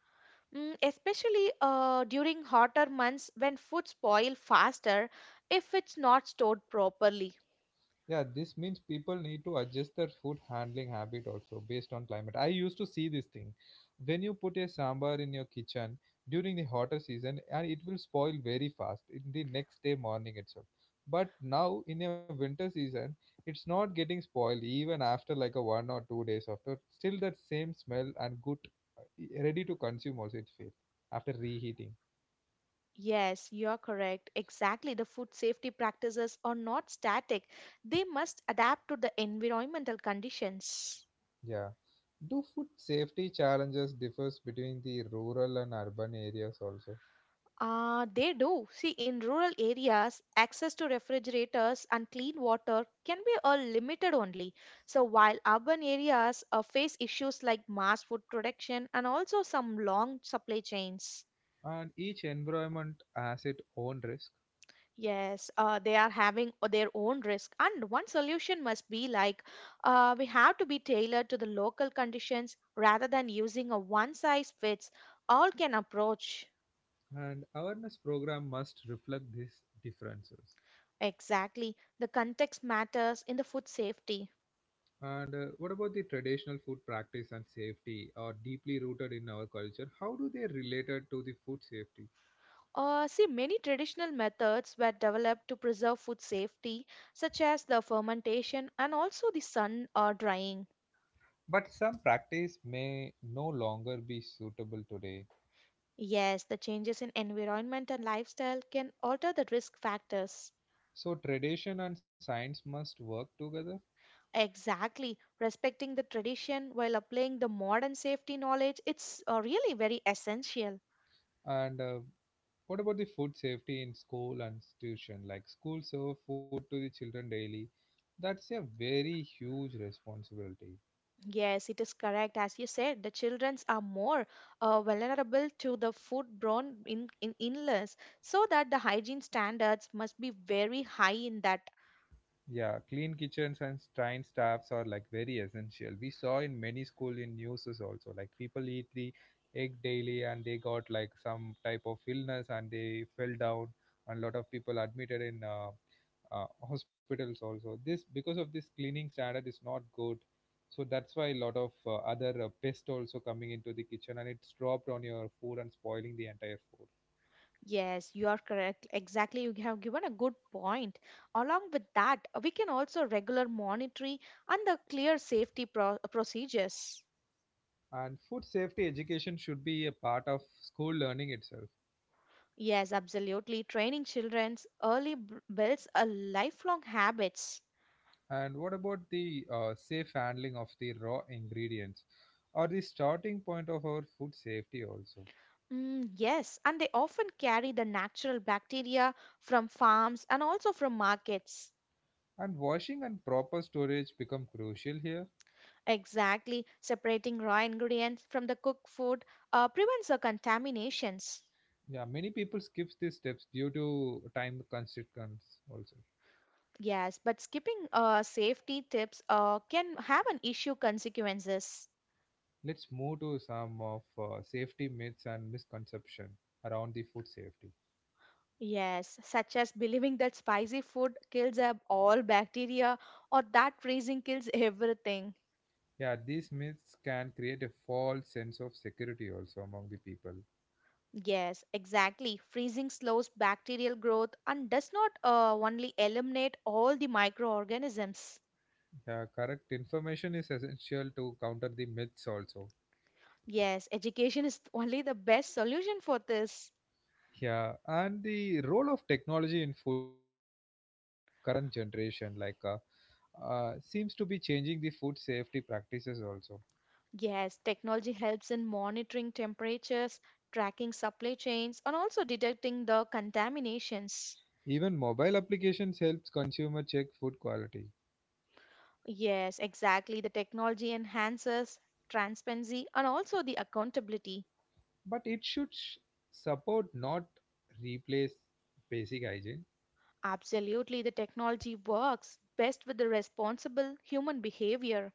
B: Especially during hotter months when food spoil faster if it's not stored properly.
A: Yeah, this means people need to adjust their food handling habit also based on climate. I used to see this thing. When you put a sambar in your kitchen during the hotter season, and it will spoil very fast in the next day morning itself. But now in a winter season, it's not getting spoiled even after like a one or two days after. Still that same smell and good, ready to consume also it feels after reheating.
B: Yes, you're correct. Exactly. The food safety practices are not static. They must adapt to the environmental conditions.
A: Yeah. Do food safety challenges differs between the rural and urban areas also?
B: They do. See, in rural areas, access to refrigerators and clean water can be all limited only. So, while urban areas face issues like mass food production and also some long supply chains.
A: And each environment has its own risk,
B: Yes, they are having their own risk. And one solution must be like we have to be tailored to the local conditions rather than using a one size fits all can approach.
A: and awareness program must reflect these differences.
B: Exactly. The context matters in the food safety.
A: And What about the traditional food practice and safety are deeply rooted in our culture? How do they related to the food safety?
B: See, many traditional methods were developed to preserve food safety, such as the fermentation and also the sun or drying.
A: But some practice may no longer be suitable today,
B: Yes, the changes in environment and lifestyle can alter the risk factors.
A: so tradition and science must work together.
B: Exactly. Respecting the tradition while applying the modern safety knowledge, it's really very essential.
A: And What about the food safety in school and institution? Like schools serve food to the children daily. That's a very huge responsibility.
B: Yes, it is correct. As you said, the childrens are more vulnerable to the foodborne in illness, so that the hygiene standards must be very high in that.
A: Yeah, clean kitchens and trained staffs are like very essential. We saw in many school in news is also like people eat the egg daily and they got like some type of illness and they fell down, and a lot of people admitted in hospitals also this because of this cleaning standard is not good. So that's why a lot of other pest also coming into the kitchen and it's dropped on your food and spoiling the entire food.
B: Yes, you are correct. Exactly, you have given a good point. Along with that, we can also regular monitoring and the clear procedures.
A: And food safety education should be a part of school learning itself.
B: Yes, absolutely. Training children's builds a lifelong habits.
A: And what about the safe handling of the raw ingredients, or the starting point of our food safety also?
B: Yes, and they often carry the natural bacteria from farms and also from markets.
A: And washing and proper storage become crucial here.
B: Exactly, separating raw ingredients from the cooked food prevents the contaminations.
A: Yeah, many people skip these steps due to time constraints also.
B: Yes, but skipping safety tips can have an issue consequences.
A: Let's move to some of safety myths and misconception around the food safety.
B: Yes, such as believing that spicy food kills all bacteria or that freezing kills everything.
A: Yeah, these myths can create a false sense of security also among the people.
B: Yes, exactly. Freezing slows bacterial growth and does not only eliminate all the microorganisms.
A: Yeah, correct information is essential to counter the myths also.
B: Yes, education <laughs> is only the best solution for this.
A: Yeah, and the role of technology in food safety in this connect current generation like seems to be changing the food safety practices also.
B: Yes, technology helps in monitoring temperatures, tracking supply chains, and also detecting the contaminations.
A: Even mobile applications helps consumer check food quality,
B: Yes, exactly. The technology enhances transparency and also the accountability.
A: but it support, not replace, basic hygiene.
B: Absolutely, the technology works best with the responsible human behavior.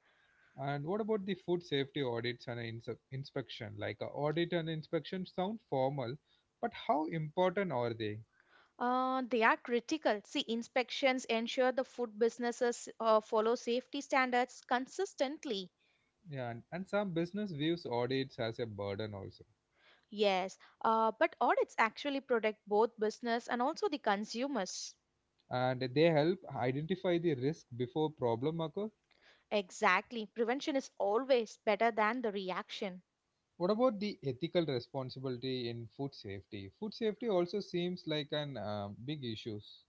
A: And what about the food safety audits and inspection? Like a audit and inspection sound formal, but how important are they?
B: They are critical. See, inspections ensure the food businesses follow safety standards consistently.
A: Yeah, and some business views audits as a burden also.
B: Yes, but audits actually protect both business and also the consumers.
A: And they help identify the risk before problem occur.
B: Exactly. Prevention is always better than the reaction.
A: What about the ethical responsibility in food safety? Food safety also seems like an big issues.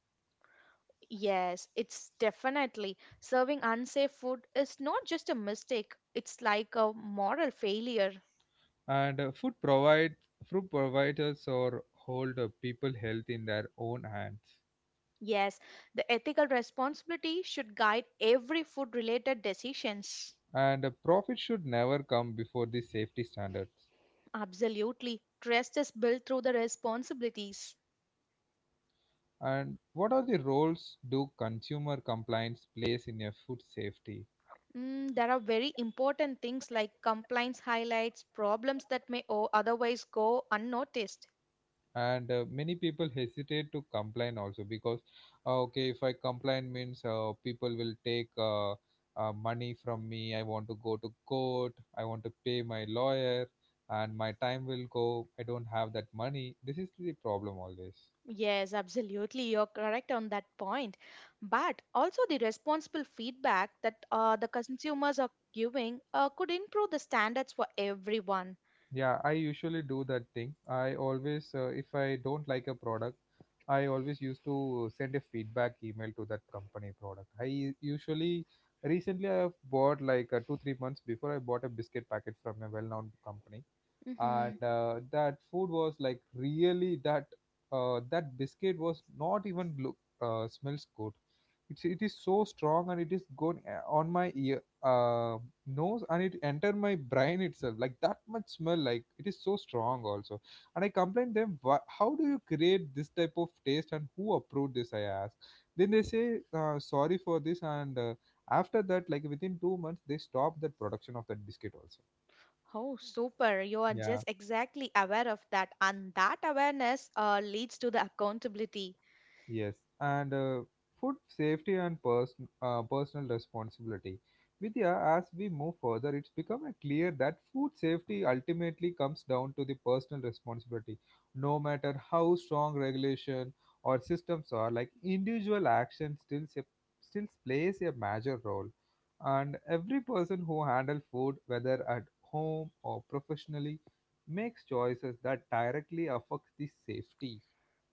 B: Yes, it's definitely. Serving unsafe food is not just a mistake, it's like a moral failure.
A: And Food providers or hold people health in their own hands.
B: Yes, the ethical responsibility should guide every food related decisions.
A: And profit should never come before the safety standards.
B: Absolutely. Trust is built through the responsibilities.
A: And what are the roles do consumer compliance plays in a food safety?
B: There are very important things like complaints, highlights, problems that may otherwise go unnoticed.
A: And many people hesitate to complain also because okay, if I complain means people will take money from me. I want to go to court, I want to pay my lawyer, and my time will go. I don't have that money. This is the problem always.
B: Yes, absolutely. You're correct on that point. But also, the responsible feedback that the consumers are giving could improve the standards for everyone.
A: Yeah, I usually do that thing. I always, if I don't like a product, I always used to send a feedback email to that company product. Usually, recently I have bought like two, 3 months before I bought a biscuit packet from a well-known company,
B: Mm-hmm.
A: and that food was like really that that biscuit was not even look smells good. It is so strong and it is going on my ear, uh, nose, and it enter my brain itself. Like that much smell, like it is so strong also. And I complained them, How do you create this type of taste and who approved this?" I asked. Then they say sorry for this, and after that like within 2 months they stopped the production of that biscuit also.
B: Oh, super. You are
A: Yeah.
B: just exactly aware of that. And that awareness leads to the accountability.
A: Yes, and food safety and personal responsibility. Vidya, as we move further, it's become clear that food safety ultimately comes down to the personal responsibility. No matter how strong regulation or systems are, like individual action still plays a major role. And every person who handles food, whether at home or professionally, makes choices that directly affects the safety.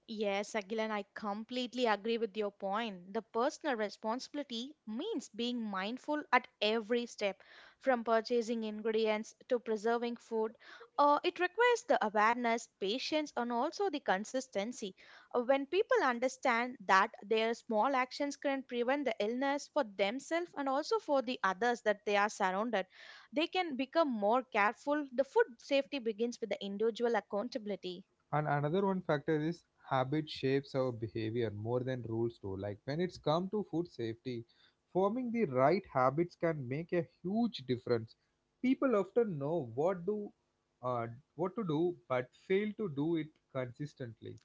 B: Yes, Agilan, I completely agree with your point. The personal responsibility means being mindful at every step, from purchasing ingredients to preserving food. It requires the awareness, patience, and also the consistency. When people understand that their small actions can prevent the illness for themselves and also for the others that they are surrounded, they can become more careful. The food safety begins with the individual accountability.
A: And another one factor is habit shapes our behavior more than rules do. Like when it's come to food safety, forming the right habits can make a huge difference. People often know uh, what to do but fail to do it consistently.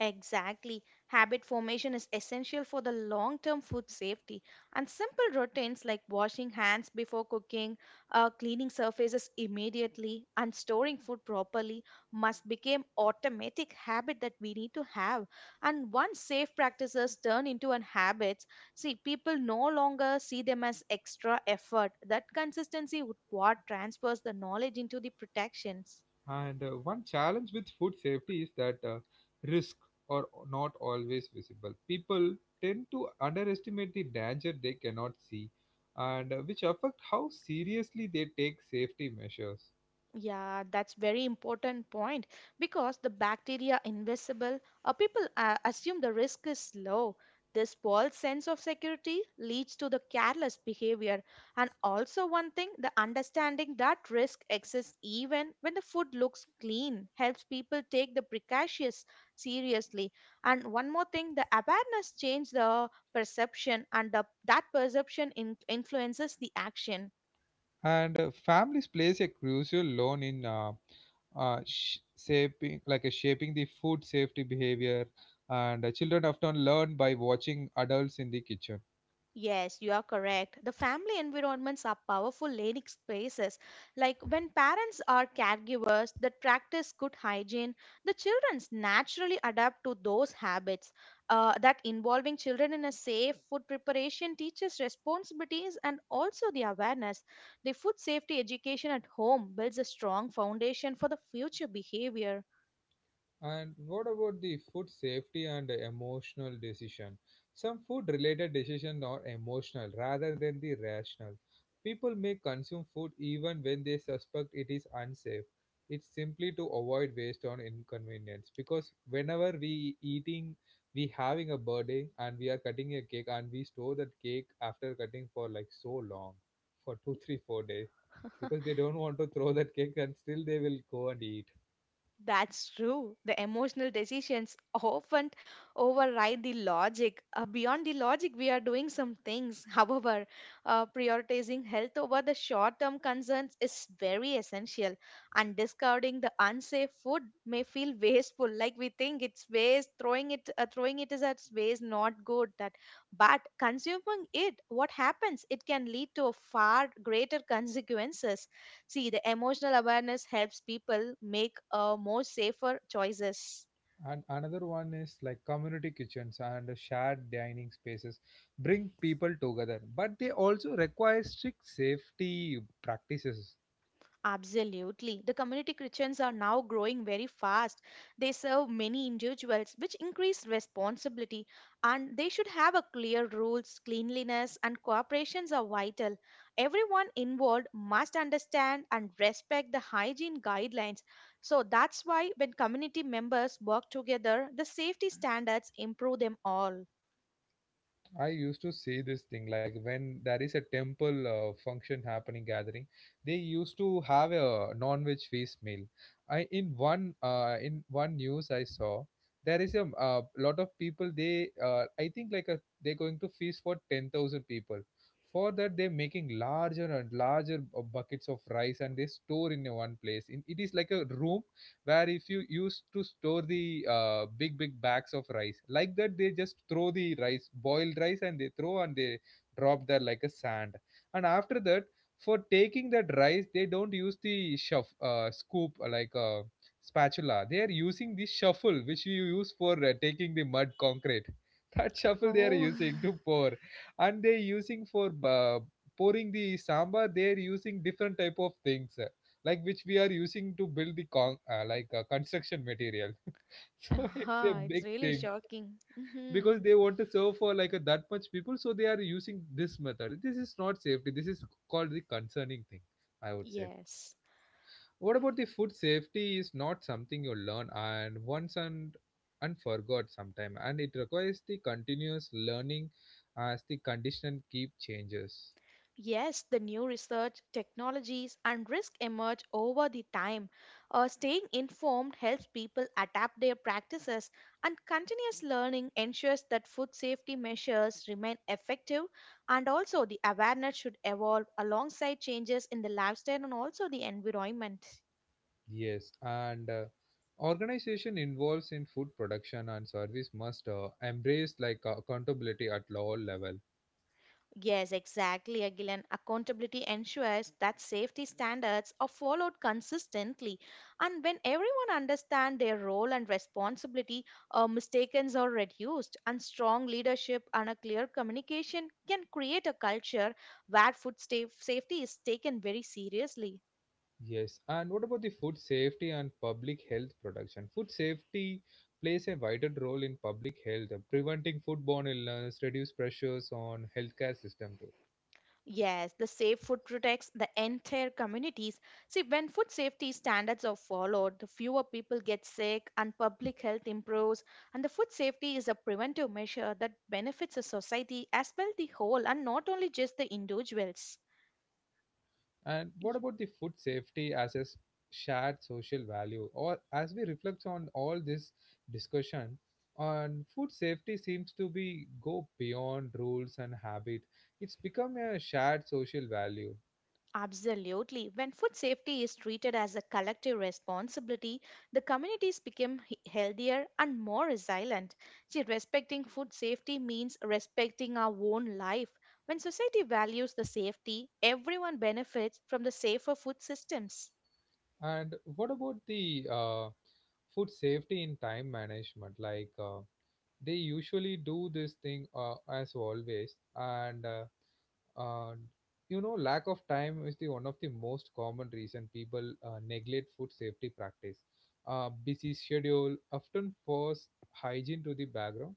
B: Exactly. Habit formation is essential for the long term food safety. And simple routines like washing hands before cooking, cleaning surfaces immediately, and storing food properly must become automatic habit that we need to have. And once safe practices turn into an habit, see people no longer see them as extra effort. That consistency would what transfers the knowledge into the protections.
A: And one challenge with food safety is that risk are not always visible. People tend to underestimate the danger they cannot see, and which affect how seriously they take safety measures.
B: Yeah, that's very important point because the bacteria invisible, people assume the risk is low. This false sense of security leads to the careless behavior. And also one thing, the understanding that risk exists even when the food looks clean helps people take the precautions seriously. And one more thing, the awareness changes the perception and that perception influences the action.
A: And families plays a crucial role in shaping, like shaping the food safety behavior. And children often learn by watching adults in the kitchen.
B: Yes, you are correct. The family environments are powerful learning spaces. Like when parents are caregivers that practice good hygiene, the children naturally adapt to those habits. That involving children in a safe food preparation teaches responsibilities and also the awareness. The food safety education at home builds a strong foundation for the future behavior.
A: And what about the food safety and emotional decision? Some food related decisions are emotional rather than the rational. People may consume food even when they suspect it is unsafe. It's simply to avoid waste or inconvenience, because whenever we eating, we having a birthday and we are cutting a cake, and we store that cake after cutting for like so long, for 2 3 4 days, because they don't want to throw that cake and still they will go and eat.
B: That's true. The emotional decisions often override the logic. Beyond the logic, we are doing some things. <laughs> However, prioritizing health over the short term concerns is very essential. And discarding the unsafe food may feel wasteful, like we think it's waste, throwing it is as waste, not good. That, but consuming it, what happens? It can lead to far greater consequences. See, the emotional awareness helps people make more safer choices.
A: And another one is like community kitchens and shared dining spaces bring people together, but they also require strict safety practices.
B: Absolutely. The community kitchens are now growing very fast. They serve many individuals, which increase responsibility, and they should have a clear rules, cleanliness, and cooperations are vital. Everyone involved must understand and respect the hygiene guidelines. So that's why when community members work together, the safety standards improve them all.
A: I used to see this thing like when there is a temple function happening gathering, they used to have a non-veg feast meal. I in one news I saw there is a lot of people. They I think like a, they're going to feast for 10,000 people. For that they're making larger and larger buckets of rice and they store in a one place. In, it is like a room where if you used to store the big big bags of rice like that, they just throw the rice, boiled rice, and they throw and they drop there like a sand. And after that, for taking that rice they don't use the scoop, like a spatula. They are using the shuffle, which you use for taking the mud concrete <laughs> that shuffle they are
B: Oh,
A: using to pour. And they using for pouring the sambar. They are using different type of things like which we are using to build the like construction material. <laughs> So it's a
B: ah, it's
A: big
B: really
A: thing,
B: shocking. Hmm.
A: because they want to serve for like a, that much people, so they are using this method. This is not safety, this is called the concerning thing, I would say.
B: Yes.
A: What about the food safety is not something you learn and once and forgot sometime, and it requires the continuous learning as the condition keep changes.
B: Yes, the new research, technologies, and risk emerge over the time. Staying informed helps people adapt their practices, and continuous learning ensures that food safety measures remain effective. And also, the awareness should evolve alongside changes in the lifestyle and also the environment.
A: Yes, and organization involved in food production and service must embrace like accountability at all level.
B: Yes, exactly, Agilan. Accountability ensures that safety standards are followed consistently, and when everyone understands their role and responsibility, mistakes are reduced, and strong leadership and a clear communication can create a culture where safety is taken very seriously.
A: Yes, and what about the food safety and public health production? Food safety plays a vital role in public health, preventing foodborne illness, reduce pressures on healthcare system too.
B: Yes, the safe food protects the entire communities. See, when food safety standards are followed, the fewer people get sick and public health improves. And the food safety is a preventive measure that benefits a society as well the whole and not only just the individuals.
A: And what about the food safety as a shared social value? Or as we reflect on all this discussion, on food safety seems to be go beyond rules and habit. It's become a shared social value.
B: Absolutely. When food safety is treated as a collective responsibility, the communities become healthier and more resilient. See, respecting food safety means respecting our own life. When society values the safety, everyone benefits from the safer food systems.
A: And what about the food safety in time management? Like they usually do this thing as always, and And you know, lack of time is the one of the most common reason people neglect food safety practice. Busy schedule often force hygiene to the background.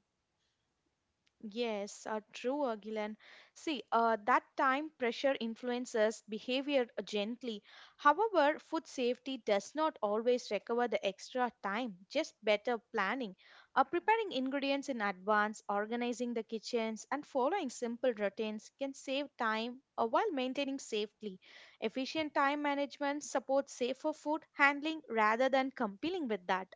B: Yes, true, Gilan. See, that time pressure influences behavior gently. However, food safety does not always recover the extra time, just better planning. Preparing ingredients in advance, organizing the kitchens, and following simple routines can save time while maintaining safety. Efficient time management supports safer food handling rather than competing with that.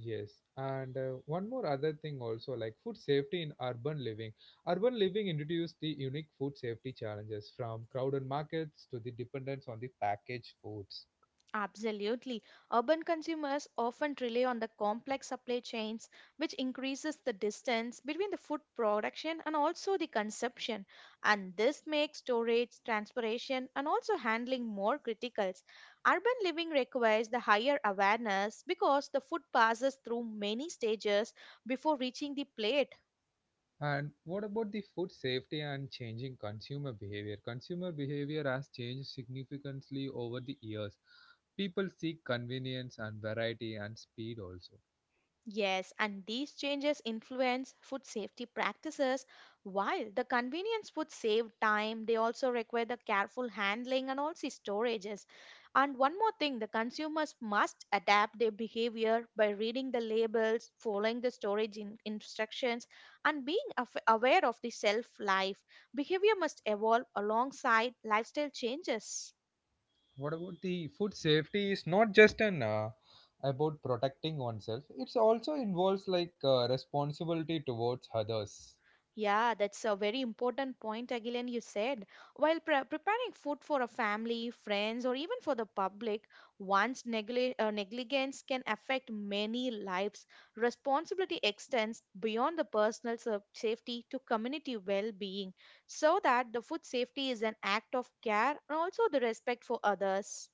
A: Yes, and one more other thing also like food safety in urban living. Urban living introduced the unique food safety challenges, from crowded markets to the dependence on the packaged foods.
B: Absolutely. Urban consumers often rely on the complex supply chains, which increases the distance between the food production and also the consumption. And this makes storage, transportation, and also handling more critical. Urban living requires the higher awareness because the food passes through many stages before reaching the plate.
A: And what about the food safety and changing consumer behavior? Consumer behavior has changed significantly over the years. People seek convenience and variety and speed also.
B: Yes, and these changes influence food safety practices. While the convenience food save time, they also require the careful handling and also storages. And one more thing, the consumers must adapt their behavior by reading the labels, following the instructions, and being aware of the shelf life. Behavior must evolve alongside lifestyle changes.
A: What about the food safety is not just an about protecting oneself. It's also involves like responsibility towards others.
B: Yeah, that's a very important point, Agilan, you said. While preparing food for a family, friends, or even for the public, one's negligence can affect many lives. Responsibility extends beyond the safety to community well being, so that the food safety is an act of care and also the respect for others.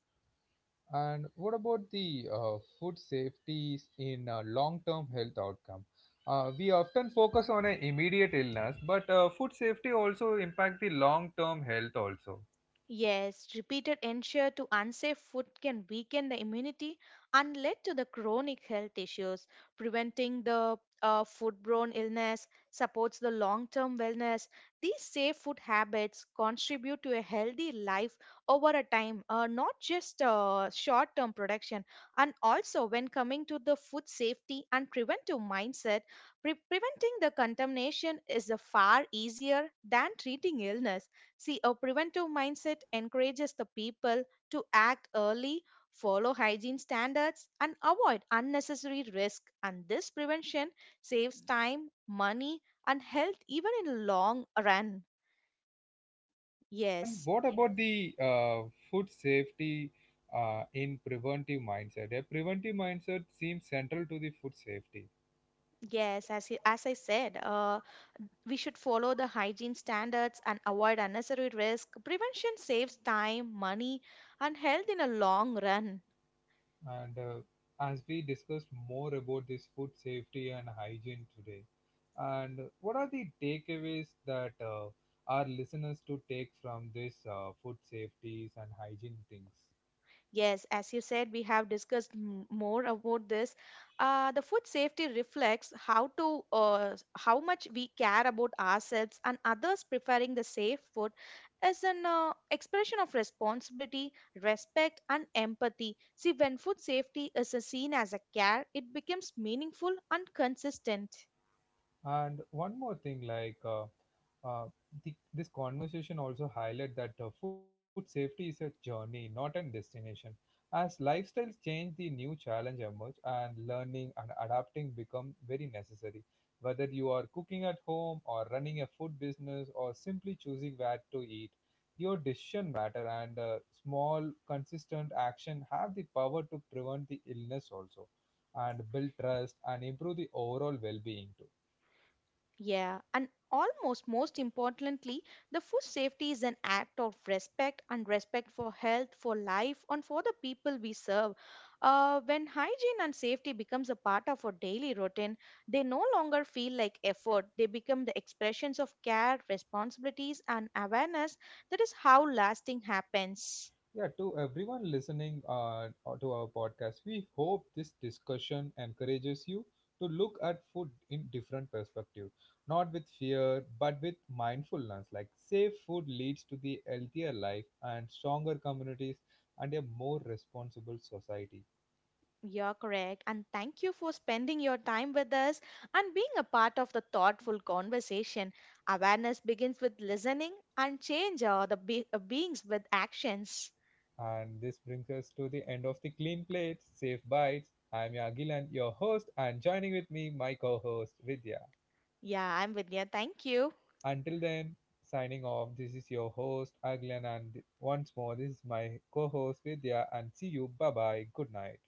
A: And what about the food safeties in long-term health outcome? We often focus on an immediate illness, but food safety also impact the long-term health also.
B: Yes, repeated exposure to unsafe food can weaken the immunity and lead to the chronic health issues. Preventing the foodborne illness supports the long term wellness. These safe food habits contribute to a healthy life over a time, not just short term production. And also, when coming to the food safety and preventive mindset, preventing the contamination is far easier than treating illness. See, a preventive mindset encourages the people to act early, follow hygiene standards, and avoid unnecessary risk. And this prevention saves time, money, and health even in long run.
A: And
B: Yes,
A: what about the food safety in preventive mindset? A preventive mindset seems central to the food safety.
B: yes, as, as I said, we should follow the hygiene standards and avoid unnecessary risk. Prevention saves time, money, and health in a long run.
A: And as we discussed more about this food safety and hygiene today, and what are the takeaways that our listeners to take from this food safeties and hygiene things?
B: Yes, as you said, we have discussed more about this. The food safety reflects how to how much we care about ourselves and others preferring the safe food as an expression of responsibility, respect, and empathy. See, when food safety is seen as a care, it becomes meaningful and consistent.
A: And one more thing, like uh, this conversation also highlight that food safety is a journey, not a destination. As lifestyles change, the new challenge emerge, and learning and adapting become very necessary. Whether you are cooking at home or running a food business or simply choosing where to eat, your decision matter, and small consistent action have the power to prevent the illness also, and build trust, and improve the overall well-being too.
B: Yeah, and almost most importantly, the food safety is an act of respect and respect for health, for life, and for the people we serve. When hygiene and safety becomes a part of our daily routine, they no longer feel like effort. They become the expressions of care, responsibilities, and awareness. That is how lasting happens.
A: Yeah, to everyone listening or to our podcast, we hope this discussion encourages you to look at food in different perspective, not with fear, but with mindfulness. Like safe food leads to the healthier life and stronger communities and a more responsible society.
B: You're correct. And thank you for spending your time with us and being a part of the thoughtful conversation. Awareness begins with listening and change are the beings with actions.
A: And this brings us to the end of the Clean Plates, Safe Bites. I'm Yagil and your host, and joining with me, my co-host Vidya.
B: Yeah, I'm Vidya. Thank you.
A: Until then, signing off, this is your host, Aglan, and once more, this is my co host, Vidya, and see you. Bye bye. Good night.